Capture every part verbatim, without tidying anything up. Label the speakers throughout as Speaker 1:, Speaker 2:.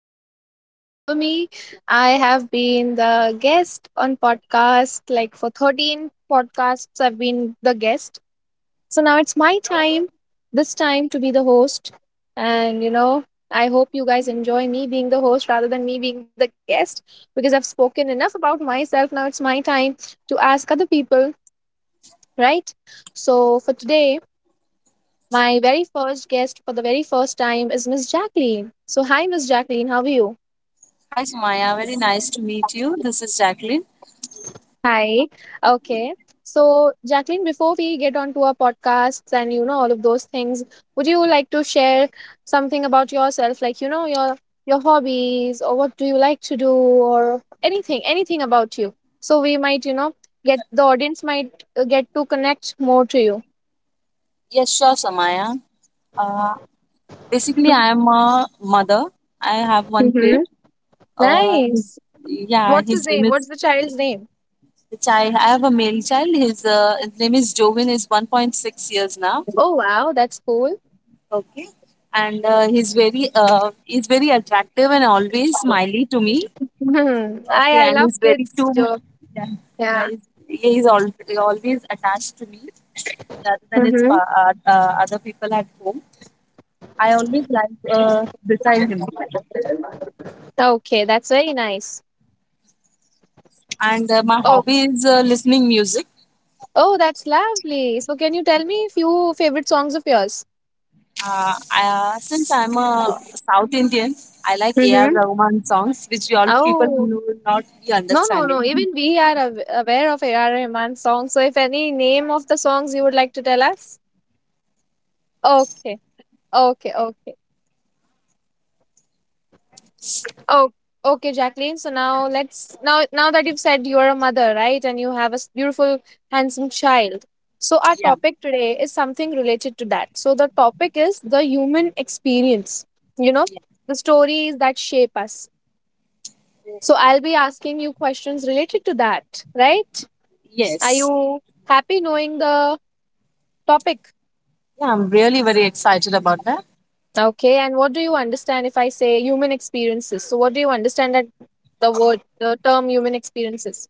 Speaker 1: hope you guys remember me. I have been the guest on podcast like for thirteen podcasts, I've been the guest. So, now it's my time, this time to be the host. And you know, I hope you guys enjoy me being the host rather than me being the guest because I've spoken enough about myself. Now it's my time to ask other people, right? So, for today, my very first guest for the very first time is Miss Jacqueline. So, hi, Miss Jacqueline, how are you?
Speaker 2: Hi, Samaya. Very nice to meet you. This is Jacqueline.
Speaker 1: Hi. Okay. So, Jacqueline, before we get on to our podcasts and you know all of those things, would you like to share something about yourself, like you know your your hobbies or what do you like to do or anything, anything about you? So we might you know get the audience might uh, get to connect more to you.
Speaker 2: Yes, sure, Samaya. Uh, Basically, I am a mother. I have one
Speaker 1: Mm-hmm.
Speaker 2: kid. Uh, his,
Speaker 1: Nice.
Speaker 2: yeah,
Speaker 1: What's his
Speaker 2: his name
Speaker 1: name?
Speaker 2: is
Speaker 1: What's the child's name?
Speaker 2: which I I have a male child. His, uh, his name is Jovin. Is one point six years now.
Speaker 1: Oh wow, that's cool.
Speaker 2: Okay, and uh, he's very uh, he's very attractive and always smiley to me.
Speaker 1: Hmm.
Speaker 2: Okay,
Speaker 1: I I
Speaker 2: and
Speaker 1: love
Speaker 2: is very
Speaker 1: kids
Speaker 2: too.
Speaker 1: joke.
Speaker 2: Yeah, yeah
Speaker 1: Yeah.
Speaker 2: he's, he is al- always attached to me rather than his
Speaker 1: Mm-hmm.
Speaker 2: fa- uh, uh, other people at home. I always like uh, beside him,
Speaker 1: Okay, that's very nice.
Speaker 2: and uh, my
Speaker 1: Oh,
Speaker 2: hobby is uh, listening music.
Speaker 1: oh, that's lovely. So, can you tell me a few favorite songs of yours?
Speaker 2: Uh, I, uh, since I'm a South Indian, I like A R.
Speaker 1: Mm-hmm.
Speaker 2: Rahman songs, which you all people
Speaker 1: Oh,
Speaker 2: will not be
Speaker 1: no, no, no.
Speaker 2: understanding.
Speaker 1: Even we are aw- aware of A R. Rahman's songs. So, if any name of the songs you would like to tell us? Okay, okay, okay. Oh, okay, Jacqueline. So now let's now now that you've said you're a mother, right, and you have a s- beautiful, handsome child. So our
Speaker 2: Yeah,
Speaker 1: topic today is something related to that. So the topic is the human experience. You know, the stories that shape us. So
Speaker 2: yeah.
Speaker 1: I'll be asking you questions related to that, right? Are
Speaker 2: Yes.
Speaker 1: you happy knowing the topic?
Speaker 2: Yeah, I'm really very excited about that.
Speaker 1: Okay, and what do you understand if I say human experiences? So what do you understand that the word, the term human experiences?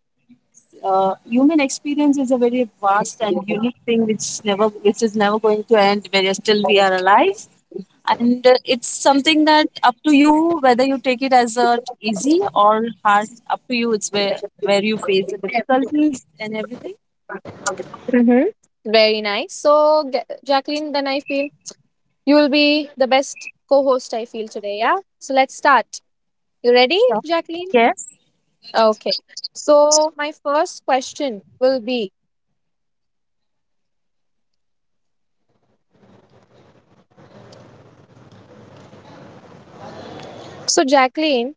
Speaker 2: uh, Human experience is a very vast and unique thing which never which is never going to end where still we are alive, and uh, it's something that up to you whether you take it as a easy or hard, up to you. It's where where you face the difficulties and everything.
Speaker 1: Mm-hmm. Very nice. So, G- Jacqueline, then I feel you will be the best co host, I feel today. Yeah. So, let's start. You ready,
Speaker 2: Sure.
Speaker 1: Jacqueline?
Speaker 2: Yes.
Speaker 1: Okay. So, my first question will be, so, Jacqueline,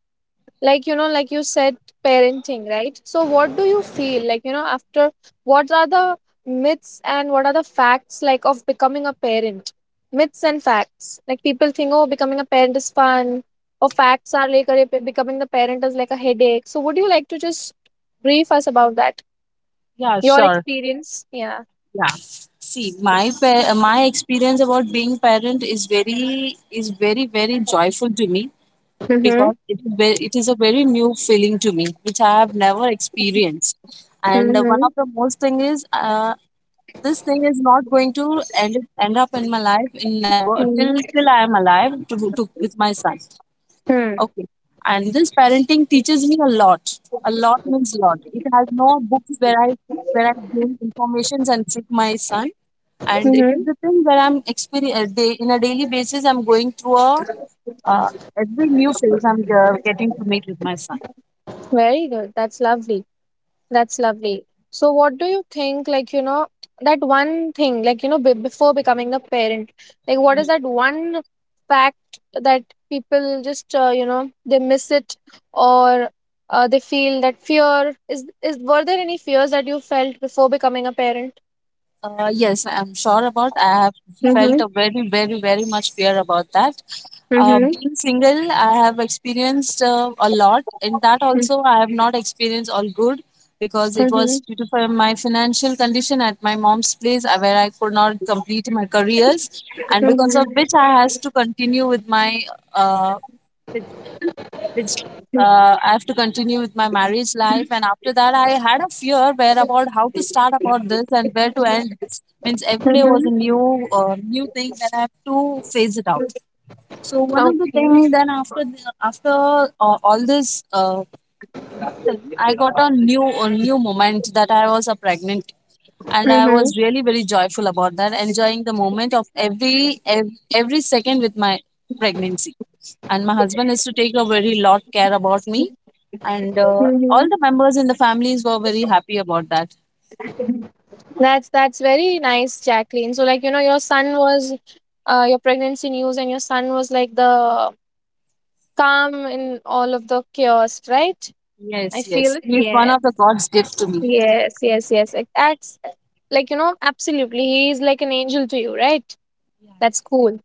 Speaker 1: like you know, like you said, parenting, right? So what do you feel like you know after, what are the myths and what are the facts like of becoming a parent, myths and facts like people think oh becoming a parent is fun or facts are like, "Arey, pe- becoming the parent is like a headache," so would you like to just brief us about that,
Speaker 2: Yeah,
Speaker 1: your
Speaker 2: sure.
Speaker 1: experience, yeah.
Speaker 2: Yeah, see my pa- uh, my experience about being parent is very is very very joyful to me,
Speaker 1: Mm-hmm.
Speaker 2: because it is, very, it is a very new feeling to me which I have never experienced. And uh, one
Speaker 1: Mm-hmm.
Speaker 2: of the most thing is uh, this thing is not going to end, end up in my life in never, till till
Speaker 1: Mm-hmm.
Speaker 2: I am alive, to, to with my son. Okay. And this parenting teaches me a lot. A lot means lot. It has no books where I where I gain informations and trick my son. And it
Speaker 1: Mm-hmm.
Speaker 2: is the thing where I'm experience day in a daily basis. I'm going through a uh, every new phase I'm uh, getting to meet with my son.
Speaker 1: Very good, that's lovely. That's lovely. So, what do you think, like, you know, that one thing, like, you know, be before becoming a parent, like, what is that one fact that people just, uh, you know, they miss it or uh, they feel that fear is, is, were there any fears that you felt before becoming a parent?
Speaker 2: Uh, yes, I'm sure about. I have felt
Speaker 1: Mm-hmm.
Speaker 2: a very, very, very much fear about that. Uh,
Speaker 1: Mm-hmm.
Speaker 2: being single, I have experienced uh, a lot. In that also, I have not experienced all good, because it
Speaker 1: Mm-hmm.
Speaker 2: was due to fi- my financial condition at my mom's place, uh, where I could not complete my careers, and because of which
Speaker 1: Mm-hmm.
Speaker 2: I has to continue with my uh, with it's, uh, I have to continue with my marriage life. And after that, I had a fear where about how to start about this and where to end. Means every day was a
Speaker 1: Mm-hmm.
Speaker 2: new, uh, new thing that I have to phase it out. So one of the
Speaker 1: Okay.
Speaker 2: things, then after the, after uh, all this uh, thing, I got a new a new moment that I was a pregnant, and I
Speaker 1: Mm-hmm.
Speaker 2: was really very joyful about that, enjoying the moment of every ev- every second with my pregnancy. And my husband is to take a very lot care about me, and uh, all the members in the families were very happy about that.
Speaker 1: That's that's very nice, Jacqueline. So like you know, your son was uh, your pregnancy news, and your son was like the calm in all of the chaos, right? I
Speaker 2: Yes,
Speaker 1: feel
Speaker 2: yes, he's one
Speaker 1: it.
Speaker 2: of the God's gift to me.
Speaker 1: Yes, yes, yes, yes. Like, that's like you know, absolutely. He is like an angel to you, right? That's cool.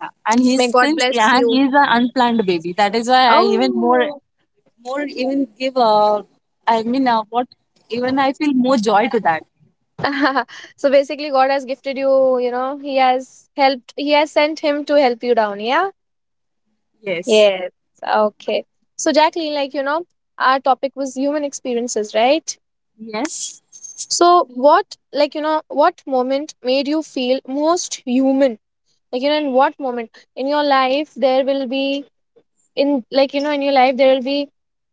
Speaker 2: Yeah, and
Speaker 1: May
Speaker 2: he's
Speaker 1: God
Speaker 2: since
Speaker 1: bless
Speaker 2: yeah, and
Speaker 1: you.
Speaker 2: he's an unplanned baby. That is why I even more
Speaker 1: Oh.
Speaker 2: more even give a I mean uh, what even I feel more joy to that.
Speaker 1: So basically God has gifted you, you know, he has helped, he has sent him to help you down, yeah.
Speaker 2: Yes,
Speaker 1: Yes. Okay. So, Jacqueline, like, you know, our topic was human experiences, right?
Speaker 2: yes,
Speaker 1: So, what, like, you know, what moment made you feel most human? Like, you know, in what moment in your life there will be, in, like, you know, in your life there will be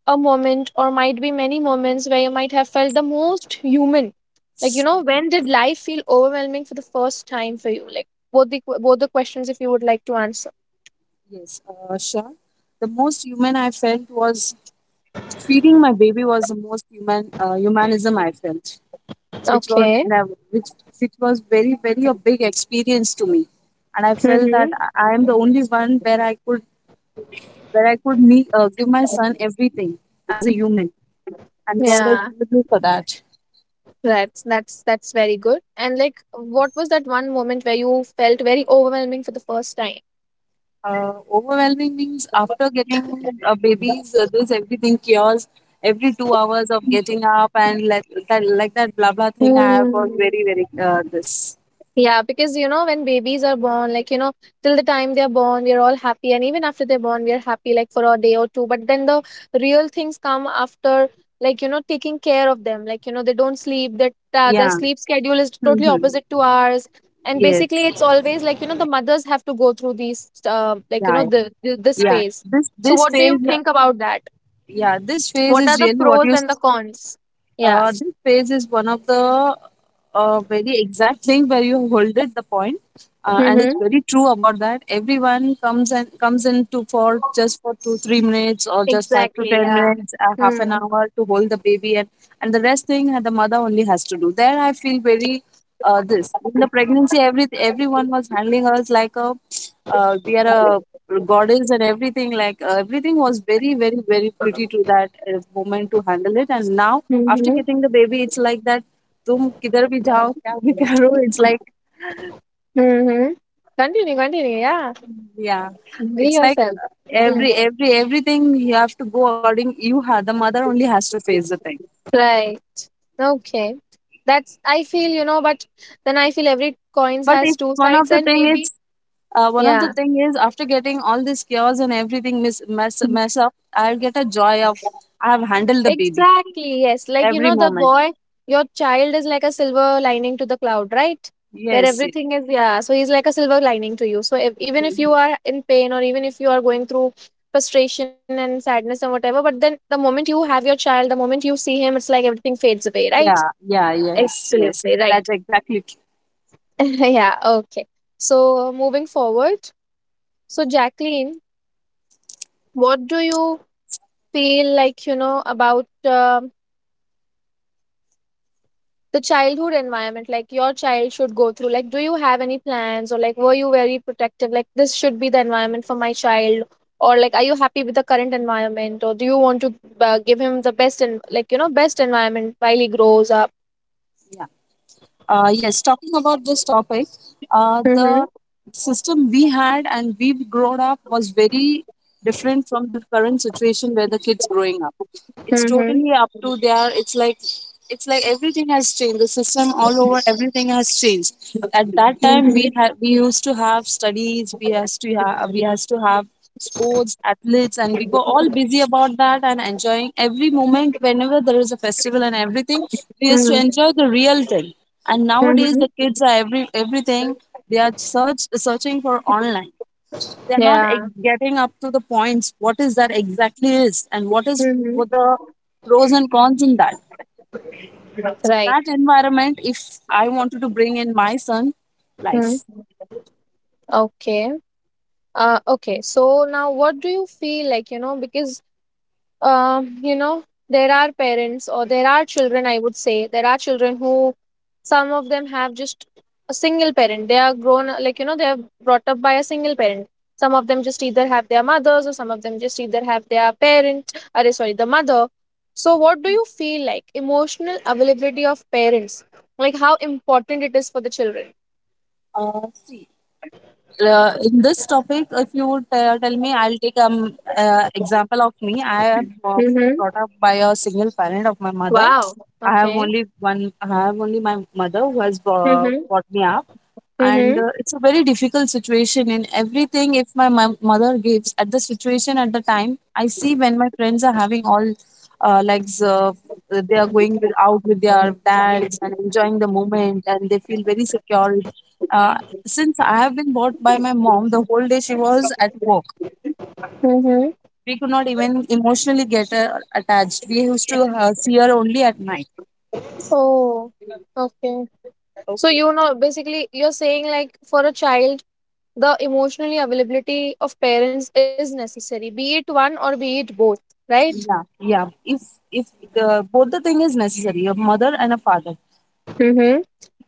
Speaker 1: a moment or might be many moments where you might have felt the most human. Like, you know, when did life feel overwhelming for the first time for you? Like, both the both the questions if you would like to answer.
Speaker 2: yes. Uh, sure. The most human I felt was feeding my baby was the most human uh, humanism I felt, which was
Speaker 1: Okay.
Speaker 2: never which which was very very a big experience to me. And I felt that
Speaker 1: Mm-hmm.
Speaker 2: i I am the only one where i could where i could meet, uh, give my son everything as a human, and god has
Speaker 1: Yeah.
Speaker 2: blessed me for that.
Speaker 1: That's that's that's very good. And like, what was that one moment where you felt very overwhelming for the first time?
Speaker 2: uh, Overwhelming means after getting uh, babies, uh, this everything cures every two hours of getting up, and like that, like that blah blah thing, I was
Speaker 1: Hmm.
Speaker 2: very very uh, this.
Speaker 1: Yeah, because you know, when babies are born, like you know, till the time they're born, we're all happy, and even after they're born, we're happy like for a day or two. But then the real things come after, like you know, taking care of them. Like you know, they don't sleep. That uh, their
Speaker 2: Yeah.
Speaker 1: sleep schedule is totally
Speaker 2: Hmm.
Speaker 1: opposite to ours, and basically,
Speaker 2: Yes.
Speaker 1: it's always like you know, the mothers have to go through these, uh, like you
Speaker 2: Yeah.
Speaker 1: know,
Speaker 2: Yeah.
Speaker 1: the, the this
Speaker 2: Yeah.
Speaker 1: phase.
Speaker 2: this
Speaker 1: So,
Speaker 2: this
Speaker 1: what do
Speaker 2: phase.
Speaker 1: you think about that?
Speaker 2: Yeah, this phase
Speaker 1: What are
Speaker 2: is
Speaker 1: the
Speaker 2: really what
Speaker 1: pros
Speaker 2: you
Speaker 1: and the
Speaker 2: s-
Speaker 1: cons? Yeah.
Speaker 2: uh, this phase is one of the a very exact thing where you hold it the point. Uh, and it's
Speaker 1: Mm-hmm.
Speaker 2: very true about that everyone comes and comes in to for just for two three minutes or just five to
Speaker 1: Exactly.
Speaker 2: ten
Speaker 1: Yeah.
Speaker 2: minutes uh, half
Speaker 1: Hmm.
Speaker 2: an hour to hold the baby. And and the rest thing, uh, the mother only has to do there. I feel very uh, this. In the pregnancy, every everyone was handling us like a uh, we are a goddess, and everything like uh, everything was very very very pretty to that uh, moment to handle it. And now, after
Speaker 1: Mm-hmm.
Speaker 2: getting the baby, it's like that तुम किधर भी जाओ, क्या भी करो, it's like
Speaker 1: Mhm. Continue, continue. Yeah.
Speaker 2: yeah,
Speaker 1: Be
Speaker 2: it's like
Speaker 1: yourself. Mm.
Speaker 2: every every everything you have to go according. You have the mother only has to face the thing.
Speaker 1: Right. Okay. That's, I feel, you know, but then I feel every coins
Speaker 2: But
Speaker 1: has
Speaker 2: if
Speaker 1: two
Speaker 2: one of
Speaker 1: sides
Speaker 2: the
Speaker 1: and
Speaker 2: thing is
Speaker 1: maybe,
Speaker 2: uh, one of the
Speaker 1: yeah.
Speaker 2: thing is after getting all this chaos and everything mis mess,
Speaker 1: Mm.
Speaker 2: mess up, I'll get a joy of I have handled the baby
Speaker 1: Exactly. Yes. Like, you
Speaker 2: every
Speaker 1: know, the
Speaker 2: moment.
Speaker 1: boy, your child is like a silver lining to the cloud, right? Where
Speaker 2: Yes. Yes.
Speaker 1: everything is, yeah. So he's like a silver lining to you. So if, even if
Speaker 2: Mhm.
Speaker 1: you are in pain or even if you are going through frustration and sadness and whatever, but then the moment you have your child, the moment you see him, it's like everything fades away, right?
Speaker 2: Yeah. Yeah. Yes. Yes.
Speaker 1: Absolutely right.
Speaker 2: That's exactly. True.
Speaker 1: Yeah, okay. So moving forward, so Jacqueline, what do you feel like, you know, about um the childhood environment, like your child should go through? Like, do you have any plans or like, were you very protective? Like, this should be the environment for my child, or like, are you happy with the current environment, or do you want to uh, give him the best and like, you know, best environment while he grows up?
Speaker 2: Yeah. Uh, yes, talking about this topic, uh, the
Speaker 1: Mm-hmm.
Speaker 2: system we had and we grown up was very different from the current situation where the kids growing up, it's
Speaker 1: Mm-hmm.
Speaker 2: totally up to their, it's like it's like everything has changed. The system all over, everything has changed. At that time, we had we used to have studies, we has to have we has to have sports athletes, and we were all busy about that and enjoying every moment whenever there is a festival and everything. We used to enjoy the real thing. And nowadays, the
Speaker 1: Mm-hmm.
Speaker 2: kids are every everything, they are search searching for online. They're not
Speaker 1: Yeah.
Speaker 2: ex- getting up to the points what is that exactly is and what is what
Speaker 1: Mm-hmm.
Speaker 2: the pros and cons in that. So that
Speaker 1: Right.
Speaker 2: environment if I wanted to bring in my son life.
Speaker 1: Mm-hmm. Okay. Uh, okay, so now what do you feel like, you know, because, um, you know, there are parents or there are children, I would say, there are children who some of them have just a single parent. They are grown, like, you know, they are brought up by a single parent. Some of them just either have their mothers or some of them just either have their parent, or sorry, the mother. So what do you feel like emotional availability of parents? Like how important it is for the children?
Speaker 2: Uh, see, uh, in this topic, if you would uh, tell me, I'll take um uh, example of me. I have uh, brought
Speaker 1: Mm-hmm.
Speaker 2: up by a single parent of my mother.
Speaker 1: Wow.
Speaker 2: i have
Speaker 1: Okay.
Speaker 2: only one I have only my mother who has uh,
Speaker 1: Mm-hmm.
Speaker 2: brought me up. And
Speaker 1: Mm-hmm.
Speaker 2: uh, it's a very difficult situation in everything if my mo- mother gives at the situation at the time I see when my friends are having all uh, like uh, they are going with, out with their dads, and enjoying the moment, and they feel very secure. uh, since I have been bought by my mom, the whole day she was at work.
Speaker 1: Mm-hmm.
Speaker 2: We could not even emotionally get uh, attached. We used to uh, see her only at night.
Speaker 1: Oh, okay. So
Speaker 2: Okay.
Speaker 1: you know, basically, you're saying like for a child, the emotionally availability of parents is necessary, be it one or be it both, right?
Speaker 2: Yeah. Yeah, if if the both the thing is necessary, a mother and a father.
Speaker 1: Mm-hmm.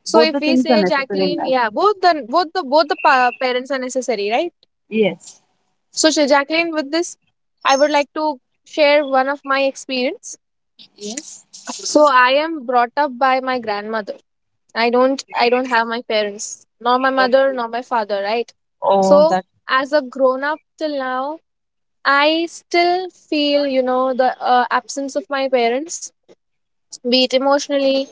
Speaker 1: So
Speaker 2: Both
Speaker 1: if
Speaker 2: the
Speaker 1: we
Speaker 2: things are
Speaker 1: say
Speaker 2: necessary in
Speaker 1: Jacqueline,
Speaker 2: life.
Speaker 1: yeah, both the both the both the pa- parents are necessary, right?
Speaker 2: Yes.
Speaker 1: So Sha- Jacqueline, with this, I would like to share one of my experience.
Speaker 2: Yes.
Speaker 1: So I am brought up by my grandmother. I don't I don't have my parents, nor my mother,
Speaker 2: Okay.
Speaker 1: nor my father, right?
Speaker 2: Oh,
Speaker 1: So
Speaker 2: that
Speaker 1: as a grown up till now, I still feel you know the uh, absence of my parents, be it emotionally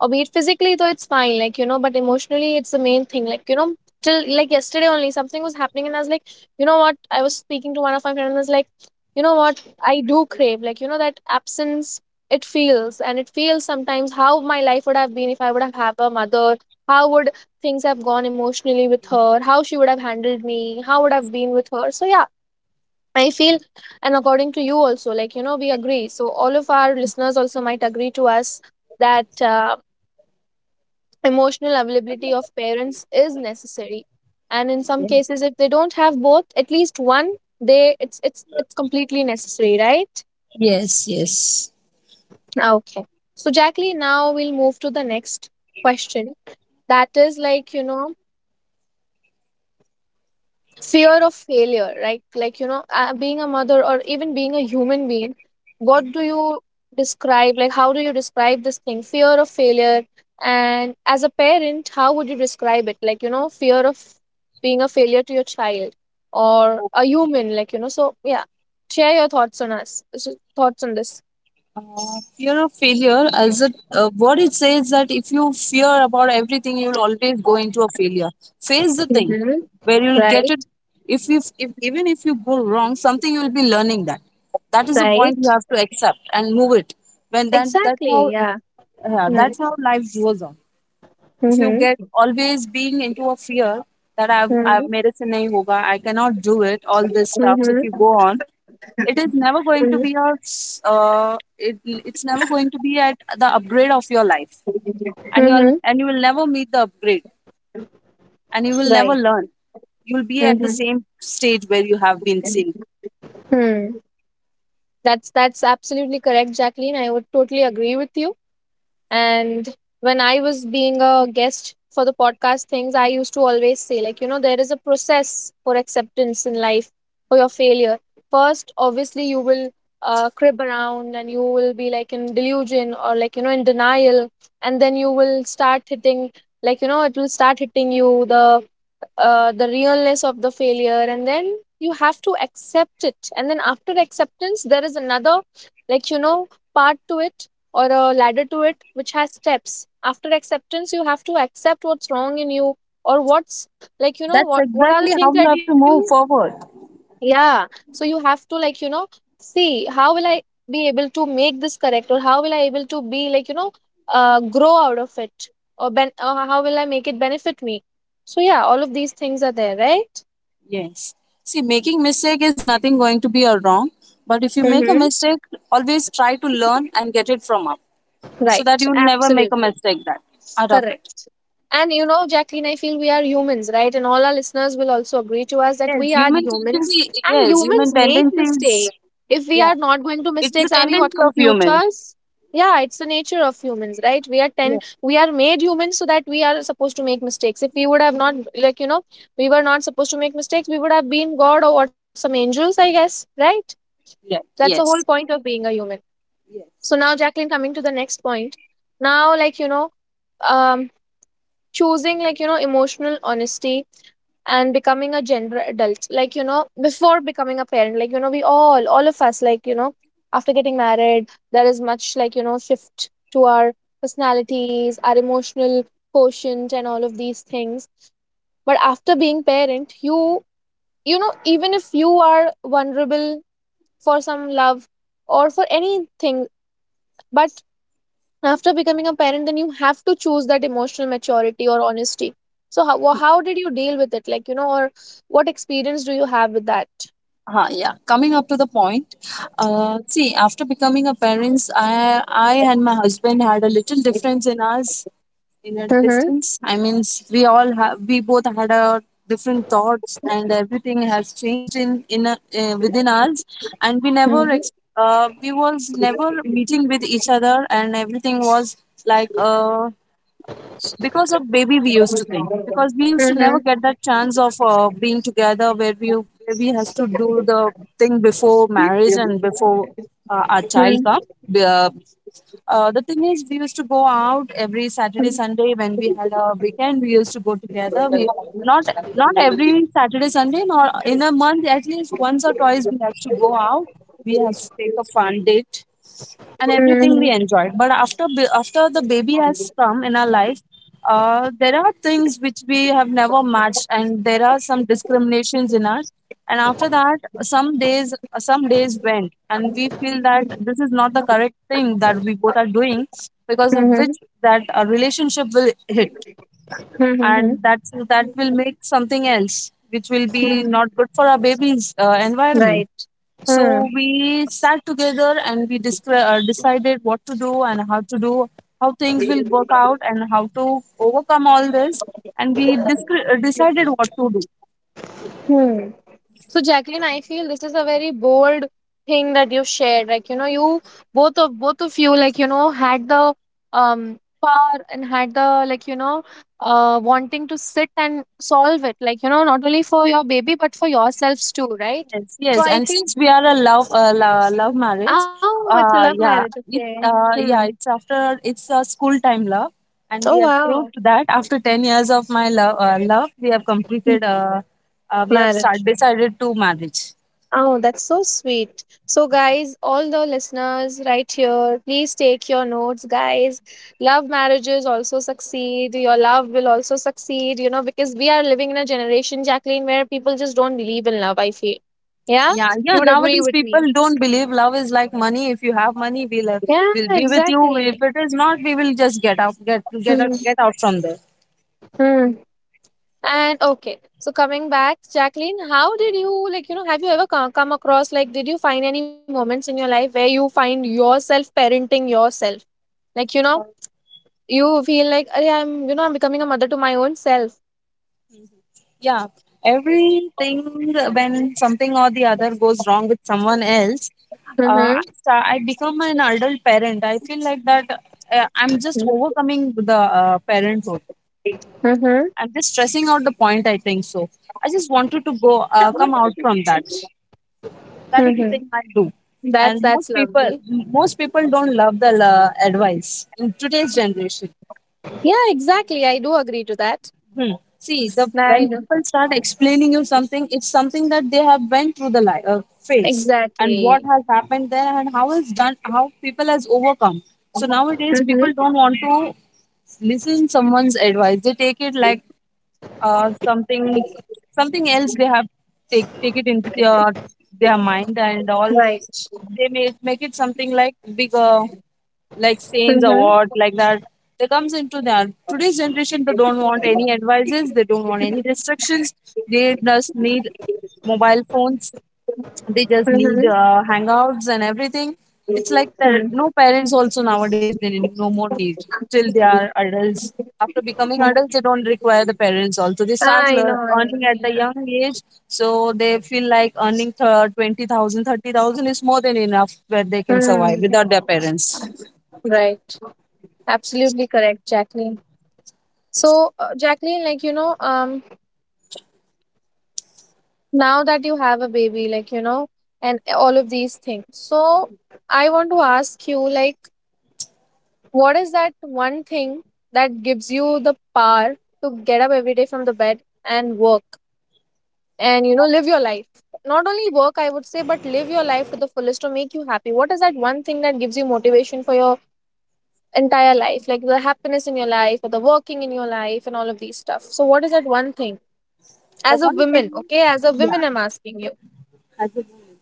Speaker 1: or be it physically, though it's fine, like you know, but emotionally it's the main thing, like you know, till like yesterday only something was happening and I was like, you know what, I was speaking to one of my friends and I was like, you know what, I do crave, like you know, that absence. It feels, and it feels sometimes how my life would have been if I would have had a mother, how would things have gone emotionally with her, how she would have handled me, how would I have been with her, so yeah. I feel, and according to you also, like, you know, we agree. So, all of our listeners also might agree to us that uh, emotional availability of parents is necessary. And in some
Speaker 2: yeah.
Speaker 1: cases, if they don't have both, at least one, they it's it's it's completely necessary, right?
Speaker 2: Yes. Yes.
Speaker 1: Ah, okay. So, Jacqueline, now we'll move to the next question. That is like, you know, fear of failure, right? Like you know, uh, being a mother or even being a human being, what do you describe, like how do you describe this thing fear of failure, and as a parent how would you describe it, like you know, fear of being a failure to your child or
Speaker 2: Oh,
Speaker 1: a human, like you know, so yeah, share your thoughts on us, so- thoughts on this.
Speaker 2: Uh, fear of failure, as a uh, what it says that if you fear about everything, you'll always go into a failure. Face the thing
Speaker 1: Mm-hmm.
Speaker 2: where you'll get
Speaker 1: Right.
Speaker 2: it. If you, if even if you go wrong, something you'll be learning that. That is the point
Speaker 1: Right.
Speaker 2: you have to accept and move it. When that that's how
Speaker 1: Exactly, yeah.
Speaker 2: uh, that's
Speaker 1: Mm-hmm.
Speaker 2: how life goes on. If you get
Speaker 1: Mm-hmm.
Speaker 2: always being into a fear that I've, I've made it in a I cannot do it, all this stuff. So if you
Speaker 1: Mm-hmm.
Speaker 2: go on, it is never going to be a, s- uh, it, it's never going to be at the upgrade of your life. And you'll,
Speaker 1: Mm-hmm.
Speaker 2: and you will never meet the upgrade, and you will never
Speaker 1: Right.
Speaker 2: learn. You'll be at the
Speaker 1: Mm-hmm.
Speaker 2: same stage where you have been seen.
Speaker 1: That's that's absolutely correct, Jacqueline. I would totally agree with you. And when I was being a guest for the podcast things, I used to always say, like, you know, there is a process for acceptance in life for your failure. First, obviously, you will uh, crib around and you will be like in delusion or like, you know, in denial. And then you will start hitting, like, you know, it will start hitting you the uh, the realness of the failure. And then you have to accept it, and then after acceptance there is another, like, you know part to it, or a ladder to it, which has steps. After acceptance you have to accept what's wrong in you, or what's, like, you know
Speaker 2: That's
Speaker 1: what what are the
Speaker 2: exactly how
Speaker 1: things
Speaker 2: you
Speaker 1: that
Speaker 2: have to
Speaker 1: you—
Speaker 2: move forward.
Speaker 1: yeah, so you have to, like, you know see how will I be able to make this correct, or how will I able to be, like, you know uh, grow out of it, or ben- or how will I make it benefit me. So yeah, all of these things are there, right?
Speaker 2: Yes. See, making mistake is nothing going to be a wrong, but if you make a
Speaker 1: Mm-hmm.
Speaker 2: mistake, always try to learn and get it from up, so that
Speaker 1: Right,
Speaker 2: you never make a
Speaker 1: absolutely
Speaker 2: mistake that out of
Speaker 1: correct.
Speaker 2: it.
Speaker 1: And you know, Jacqueline, I feel we are humans, right? And all our listeners will also agree to us that
Speaker 2: Yes,
Speaker 1: we are
Speaker 2: human
Speaker 1: humans
Speaker 2: tendency.
Speaker 1: and
Speaker 2: Yes,
Speaker 1: humans
Speaker 2: human
Speaker 1: make
Speaker 2: tendency is.
Speaker 1: mistakes. If we
Speaker 2: Yeah,
Speaker 1: are not going to
Speaker 2: it is the
Speaker 1: mistakes, are we
Speaker 2: tendency
Speaker 1: what
Speaker 2: of human.
Speaker 1: computers? Yeah, it's the nature of humans, right? We are ten
Speaker 2: Yeah.
Speaker 1: we are made humans so that we are supposed to make mistakes. If we would have not, like, you know, we were not supposed to make mistakes, we would have been God or what some angels, I guess, right?
Speaker 2: Yeah.
Speaker 1: That's the whole
Speaker 2: Yes.
Speaker 1: point of being a human. So now, Jacqueline, coming to the next point. Now, like, you know, um choosing, like, you know emotional honesty and becoming a gender adult, like, you know before becoming a parent, like, you know we all all of us, like, you know after getting married there is much, like, you know shift to our personalities, our emotional quotient and all of these things. But after being parent you, you know, even if you are vulnerable for some love or for anything, but after becoming a parent, then you have to choose that emotional maturity or honesty. So, how, wha- how did you deal with it? Like, you know, or what experience do you have with that?
Speaker 2: Huh, yeah. Coming up to the point, uh, see, after becoming a parents, I I and my husband had a little difference in us, in a
Speaker 1: Mm-hmm.
Speaker 2: distance. I mean, we all have, we both had our different thoughts, and everything has changed in in a, uh, within us. And we never
Speaker 1: Mm-hmm.
Speaker 2: ex- uh, we was never meeting with each other, and everything was like uh because of baby, we used to think, because we used to never
Speaker 1: Mm-hmm.
Speaker 2: get that chance of uh, being together where we where we has to do the thing before marriage and before uh, our child come. Be- uh, uh, the thing is, we used to go out every saturday sunday. When we had a weekend, we used to go together. We not Not every saturday sunday, nor in a month at least once or twice, we have to go out. We have to take a fun date, and everything
Speaker 1: Mm-hmm.
Speaker 2: we enjoyed. But after b- after the baby has come in our life, uh, there are things which we have never matched, and there are some discriminations in us. And after that, some days some days went, and we feel that this is not the correct thing that we both are doing, because of which that a relationship will hit,
Speaker 1: Mm-hmm.
Speaker 2: and that's that will make something else, which will be
Speaker 1: Mm-hmm.
Speaker 2: not good for our baby's uh, environment.
Speaker 1: Right.
Speaker 2: So
Speaker 1: Mm-hmm.
Speaker 2: we sat together and we discre- uh, decided what to do and how to do, how things will work out and how to overcome all this. And we discre- uh, decided what to do.
Speaker 1: So, Jacqueline, I feel this is a very bold thing that you shared. Like, you know, you both of both of you, like, you know, had the um power and had the, like, you know, uh wanting to sit and solve it. Like, you know, not only for your baby but for yourselves too, right?
Speaker 2: Yes,
Speaker 1: So
Speaker 2: yes.
Speaker 1: I
Speaker 2: And
Speaker 1: feel—
Speaker 2: since we are a love, uh, lo- love marriage,
Speaker 1: oh, it's a love
Speaker 2: uh,
Speaker 1: marriage.
Speaker 2: yeah,
Speaker 1: Okay.
Speaker 2: it, uh,
Speaker 1: Hmm.
Speaker 2: yeah, it's after it's a school time love, and
Speaker 1: Oh
Speaker 2: we have
Speaker 1: wow.
Speaker 2: proved that after ten years of my love, uh, love, we have completed. Uh, uh, we have start,
Speaker 1: Marriage.
Speaker 2: decided to marriage.
Speaker 1: Oh, that's so sweet. So, guys, all the listeners right here, please take your notes, guys. Love marriages also succeed. Your love will also succeed, you know, because we are living in a generation, Jacqueline, where people just don't believe in love, I feel. Yeah?
Speaker 2: Yeah, yeah.
Speaker 1: You would agree
Speaker 2: Nowadays,
Speaker 1: with
Speaker 2: people
Speaker 1: me.
Speaker 2: don't believe love is like money. If you have money, we'll uh,
Speaker 1: Yeah,
Speaker 2: we'll be with you. If
Speaker 1: exactly.
Speaker 2: it is not, we will just get out, get get out,
Speaker 1: Hmm.
Speaker 2: get out from there.
Speaker 1: Hmm. And okay, so coming back, Jacqueline, how did you, like, you know, have you ever co- come across? Like, did you find any moments in your life where you find yourself parenting yourself? Like, you know,
Speaker 2: Uh,
Speaker 1: you feel like, "Arey, I'm you know I'm becoming a mother to my own self."
Speaker 2: Yeah, everything, when something or the other goes wrong with someone else, uh, I,
Speaker 1: Mm-hmm.
Speaker 2: sta- I become an adult parent. I feel like that uh, I'm just overcoming the uh, parenthood.
Speaker 1: Mm-hmm.
Speaker 2: I'm just stressing out the point. I think so. I just wanted to go uh, come out from that. That is the thing I
Speaker 1: Mm-hmm.
Speaker 2: do.
Speaker 1: that's
Speaker 2: And
Speaker 1: that's
Speaker 2: most people,
Speaker 1: lovely.
Speaker 2: most people don't love the uh, advice in today's generation.
Speaker 1: Yeah, exactly, I do agree to that.
Speaker 2: Hmm. See, the
Speaker 1: I
Speaker 2: when people
Speaker 1: know.
Speaker 2: start explaining you something, it's something that they have went through the life, uh, phase, and what
Speaker 1: Exactly.
Speaker 2: has happened there and how it's done, how people has overcome. So nowadays, people
Speaker 1: Mm-hmm.
Speaker 2: don't want to listen someone's advice. They take it like uh, something something else they have take take it in their, their mind and all.
Speaker 1: Right.
Speaker 2: They may make it something like bigger, like saints
Speaker 1: Mm-hmm.
Speaker 2: award, like that. They comes into that today's generation. They don't want any advices, they don't want any restrictions. They just need mobile phones, they just need
Speaker 1: Mm-hmm.
Speaker 2: uh, hangouts and everything. It's like there
Speaker 1: Mm.
Speaker 2: no parents also nowadays. They need no more need till they are adults. After becoming adults, they don't require the parents also. They start
Speaker 1: I
Speaker 2: lear-
Speaker 1: know, I
Speaker 2: earning
Speaker 1: know,
Speaker 2: at the
Speaker 1: yeah.
Speaker 2: young age, so they feel like earning th- twenty thousand thirty thousand is more than enough, where they can survive without
Speaker 1: Mm-hmm.
Speaker 2: their parents.
Speaker 1: Right. Absolutely correct, Jacqueline. So, uh, Jacqueline, like, you know, um, now that you have a baby, like, you know, and all of these things. So, I want to ask you, like, what is that one thing that gives you the power to get up every day from the bed and work and, you know, live your life? Not only work, I would say, but live your life to the fullest to make you happy. What is that one thing that gives you motivation for your entire life? Like the happiness in your life or the working in your life and all of these stuff. So, what is that one thing?
Speaker 2: The
Speaker 1: As a
Speaker 2: one thing,
Speaker 1: woman, okay? As a
Speaker 2: yeah,
Speaker 1: woman, I'm asking you.
Speaker 2: as a woman.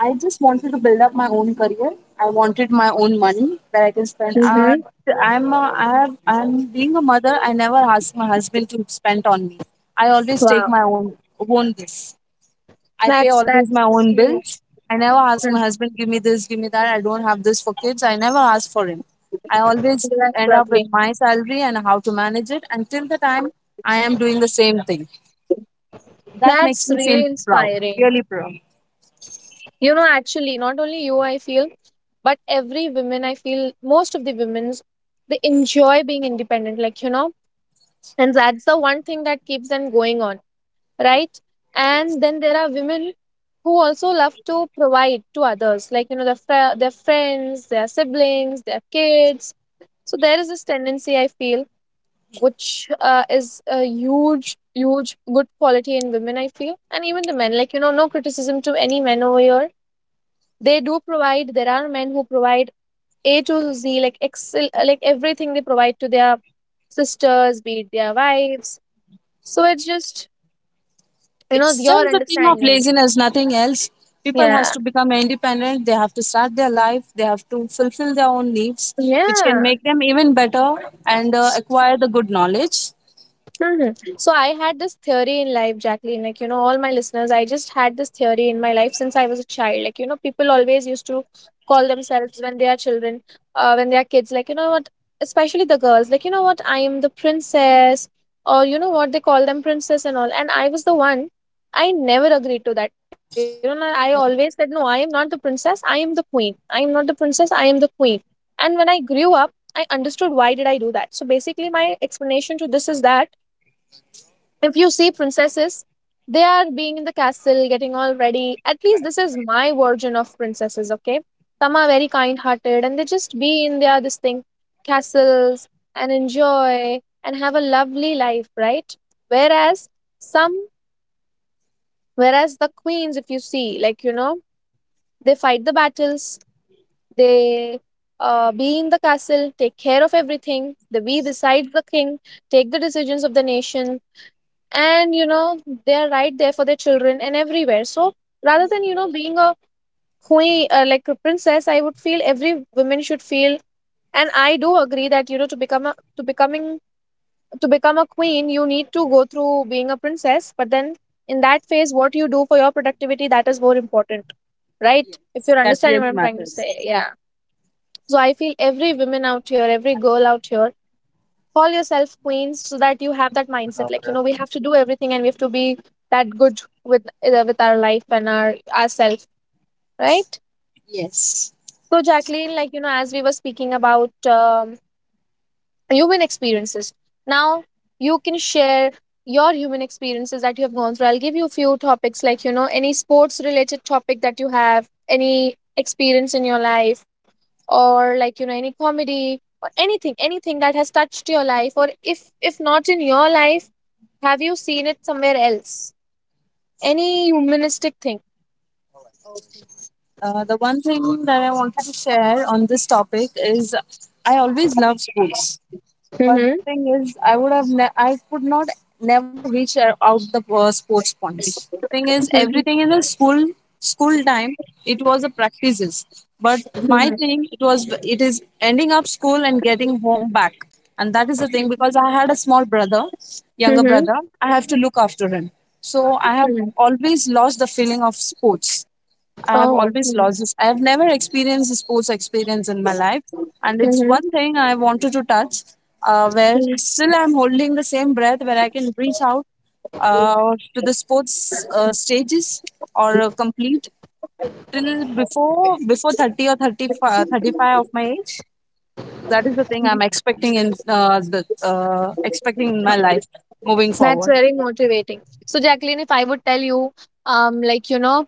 Speaker 2: I just wanted to build up my own career. I wanted my own money that I can spend. Uh,
Speaker 1: Mm-hmm.
Speaker 2: I'm a, I have, I'm being a mother. I never ask my husband to spend on me. I always take
Speaker 1: Wow.
Speaker 2: my own own this. I pay
Speaker 1: That's,
Speaker 2: always
Speaker 1: that's
Speaker 2: my own bills.
Speaker 1: huge.
Speaker 2: I never ask my
Speaker 1: Mhm.
Speaker 2: husband give me this, give me that. I don't have this for kids. I never ask for him. I always
Speaker 1: That's
Speaker 2: end up with
Speaker 1: lovely.
Speaker 2: my salary and how to manage it. Until the time I am doing the same thing, that makes
Speaker 1: That's
Speaker 2: me
Speaker 1: really
Speaker 2: feel proud,
Speaker 1: inspiring.
Speaker 2: really proud.
Speaker 1: You know, actually, not only you, I feel, but every woman, I feel, most of the women's, they enjoy being independent, like, you know, and that's the one thing that keeps them going on, right?
Speaker 2: Yes.
Speaker 1: And then there are women who also love to provide to others, like, you know, their, fr- their friends, their siblings, their kids. So there is this tendency, I feel, which, uh, is a huge, huge good quality in women, I feel, and even the men, like, you know, no criticism to any men over here. They do provide. There are men who provide A to Z, like excel, like everything, they provide to their sisters, be it their wives. So it's just, you
Speaker 2: It's
Speaker 1: know your
Speaker 2: just the thing of
Speaker 1: understanding.
Speaker 2: laziness, nothing else. People has
Speaker 1: Yeah,
Speaker 2: to become independent. They have to start their life. They have to fulfill their own needs, which can
Speaker 1: yeah.
Speaker 2: make them even better and uh, acquire the good knowledge.
Speaker 1: Mhm. So I had this theory in life, Jacqueline. Like, you know, all my listeners, I just had this theory in my life since I was a child. Like, you know, people always used to call themselves when they are children, uh, when they are kids, like, you know what, especially the girls, like, you know what, I am the princess. Or you know what, they call them princess and all. And I was the one, I never agreed to that. You know, I always said, no,
Speaker 2: Oh,
Speaker 1: I am not the princess, I am the queen. I am not the princess, I am the queen. And when I grew up, I understood why did I do that. So basically, my explanation to this is that if you see princesses, they are being in the castle, getting all ready. At least this is my version of princesses, okay? Some are very kind hearted and they just be in their this thing, castles, and enjoy and have a lovely life, right? Whereas some— whereas the queens, if you see, like, you know, they fight the battles. They, uh, be in the castle, take care of everything, they be beside the king, take the decisions of the nation, and you know, they're right there for their children and everywhere. So, rather than, you know being a queen, uh, like a princess, I would feel every woman should feel. And I do agree that, you know to become a to becoming to become a queen you need to go through being a princess. But then in that phase what you do for your productivity, that is more important, right? If
Speaker 2: yes,
Speaker 1: you're
Speaker 2: that
Speaker 1: understanding what
Speaker 2: really
Speaker 1: I'm trying to
Speaker 2: matters.
Speaker 1: say, yeah. So I feel every woman out here, every girl out here, call yourself queens so that you have that mindset, like, you know we have to do everything and we have to be that good with, uh, with our life and our ourself, right?
Speaker 2: Yes.
Speaker 1: So, Jacqueline, like, you know as we were speaking about, um, human experiences. Now, you can share your human experiences that you have gone through. I'll give you a few topics, like, you know, any sports related topic that you have, any experience in your life, or, like, you know, any comedy or anything, anything that has touched your life. Or if, if not in your life, have you seen it somewhere else? Any humanistic thing.
Speaker 2: uh, the one thing that I wanted to share on this topic is I always love sports. But
Speaker 1: Mm-hmm.
Speaker 2: the thing is, I would have, ne- I could not never reach uh, out the uh, sports points. The thing is, everything in the school school time, it was the practices. But my
Speaker 1: Mm-hmm.
Speaker 2: thing, it was, it is ending up school and getting home back, and that is the thing, because I had a small brother, younger
Speaker 1: Mm-hmm.
Speaker 2: brother. I have to look after him, so I have
Speaker 1: Mm-hmm.
Speaker 2: always lost the feeling of sports. I have
Speaker 1: Oh.
Speaker 2: always lost this. I have never experienced a sports experience in my life, and it's
Speaker 1: Mm-hmm.
Speaker 2: one thing I wanted to touch. Uh, where still I'm holding the same breath, where I can reach out uh, to the sports uh, stages or uh, complete till before before thirty or thirty five thirty five of my age. That is the thing I'm expecting in uh, the uh, expecting in my life moving
Speaker 1: That's
Speaker 2: forward.
Speaker 1: very motivating. So, Jacqueline, if I would tell you, um, like, you know,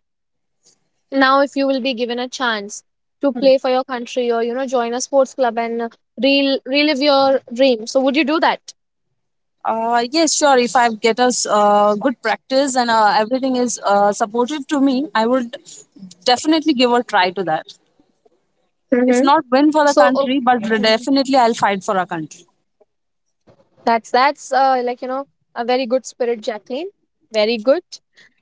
Speaker 1: now if you will be given a chance to play for your country or, you know, join a sports club and, uh, rel- relive your dream, so would you do that?
Speaker 2: Uh, yes, sure. If I get a s- uh, good practice and uh, everything is uh, supportive to me, I would definitely give a try to that.
Speaker 1: Mm-hmm.
Speaker 2: If not
Speaker 1: So,
Speaker 2: win for
Speaker 1: o-
Speaker 2: the country, but
Speaker 1: Mhm.
Speaker 2: definitely I'll fight for our country.
Speaker 1: that's, that's, uh, like, you know, a very good spirit, Jacqueline. Very good.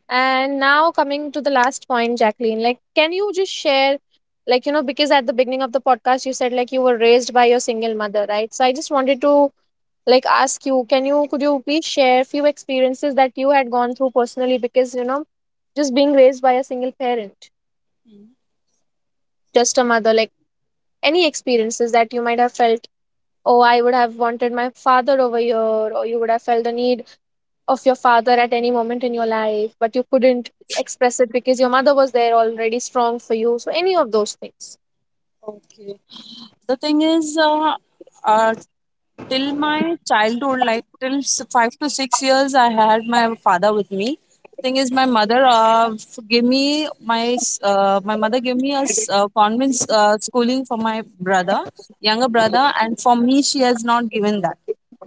Speaker 1: And now coming to the last point, Jacqueline, like, can you just share? Like, you know, because at the beginning of the podcast, you said like you were raised by your single mother, right? So I just wanted to, like, ask you, can you could you please share few experiences that you had gone through personally? Because, you know just being raised by a single parent, just a mother, like, any experiences that you might have felt, oh, I would have wanted my father over here, or you would have felt the need of your father at any moment in your life but you couldn't express it because your mother was there already strong for you. So any of those things.
Speaker 2: Okay. The thing is, uh, uh, till my childhood, like till s- five to six years, I had my father with me. Thing is, my mother uh, f- gave me my s- uh, my mother gave me a s- uh, convent s- uh, schooling for my brother, younger brother, and for me, she has not given that.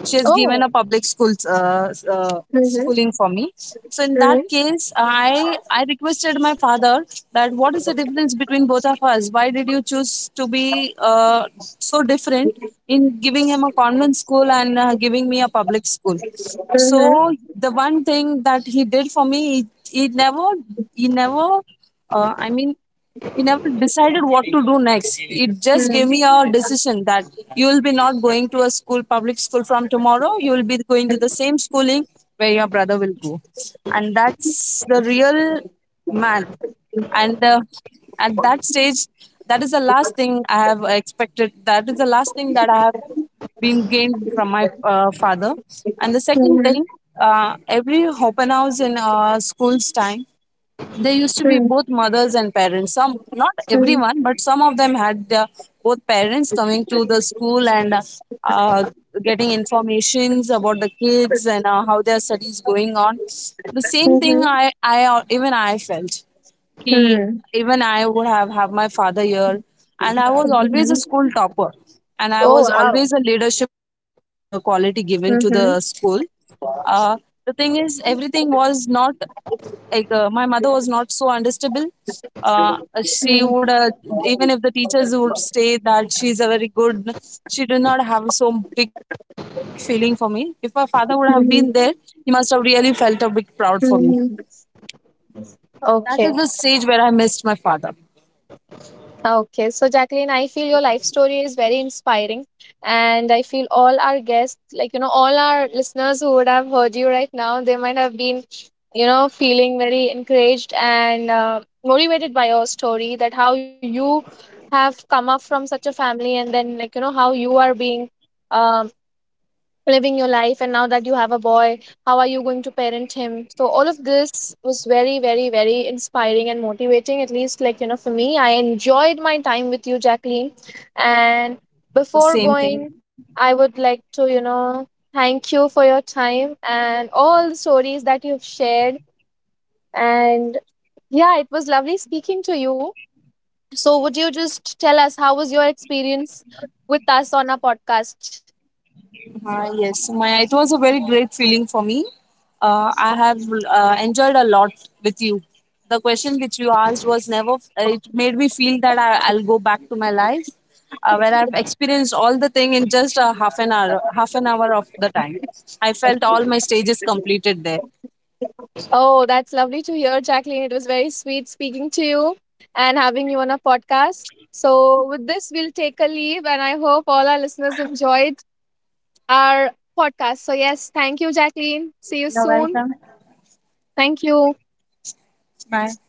Speaker 2: She has given
Speaker 1: Oh.
Speaker 2: a public school uh, uh,
Speaker 1: Mm-hmm.
Speaker 2: schooling for me. So in that
Speaker 1: Mm-hmm.
Speaker 2: case, I I requested my father, that what is the difference between both of us? Why did you choose to be uh, so different in giving him a convent school and uh, giving me a public school?
Speaker 1: Mm-hmm.
Speaker 2: So the one thing that he did for me, he, he never he never uh, I mean, he never decided what to do next. It just gave me a decision that you will be not going to a school, public school from tomorrow. You will be going to the same schooling where your brother will go. And that's the real man. And uh, at that stage, that is the last thing I have expected. That is the last thing that I have been gained from my uh, father. And the second thing,
Speaker 1: Mm-hmm.
Speaker 2: uh, every open house in uh, school's time, there used to be both mothers and parents. Some, not
Speaker 1: Mm-hmm.
Speaker 2: everyone, but some of them had their both parents coming to the school and uh, getting informations about the kids and uh, how their studies going on. The same thing I, I even I felt. He,
Speaker 1: Mm-hmm.
Speaker 2: even I would have have my father here, and I was always a school topper, and I was
Speaker 1: Oh
Speaker 2: always a leadership uh, quality given to the school.
Speaker 1: wow.
Speaker 2: Uh, the thing is, everything was not like uh, my mother was not so understandable. uh, she
Speaker 1: Mhm.
Speaker 2: would uh, even if the teachers would say that she's a very good, she did not have so big feeling for me. If my father would have been there, he
Speaker 1: Mhm.
Speaker 2: must have really felt a bit proud for me.
Speaker 1: Mhm.
Speaker 2: That is the
Speaker 1: Okay.
Speaker 2: stage where I missed my father.
Speaker 1: Okay. So, Jacqueline, I feel your life story is very inspiring. And I feel all our guests, like, you know, all our listeners who would have heard you right now, they might have been, you know, feeling very encouraged and, uh, motivated by your story, that how you have come up from such a family, and then, like, you know, how you are being, um, living your life. And now that you have a boy, how are you going to parent him? So all of this was very, very, very inspiring and motivating, at least, like, you know for me. I enjoyed my time with you, Jacqueline. And
Speaker 2: The
Speaker 1: before
Speaker 2: same thing.
Speaker 1: going, I would like to, you know thank you for your time and all the stories that you've shared. And yeah, it was lovely speaking to you. So would you just tell us how was your experience with us on our podcast?
Speaker 2: Uh, yes, my it was a very great feeling for me. Uh, I have uh, enjoyed a lot with you. The question which you asked was never. Uh, it made me feel that I, I'll go back to my life, uh, where I've experienced all the thing in just a half an hour. Half an hour of the time, I felt all my stages completed there.
Speaker 1: Oh, that's lovely to hear, Jacqueline. It was very sweet speaking to you and having you on a podcast. So, with this, we'll take a leave, and I hope all our listeners enjoyed our podcast. So, yes, thank you, Jacqueline. See you
Speaker 2: You're
Speaker 1: soon.
Speaker 2: welcome.
Speaker 1: Thank you.
Speaker 2: Bye.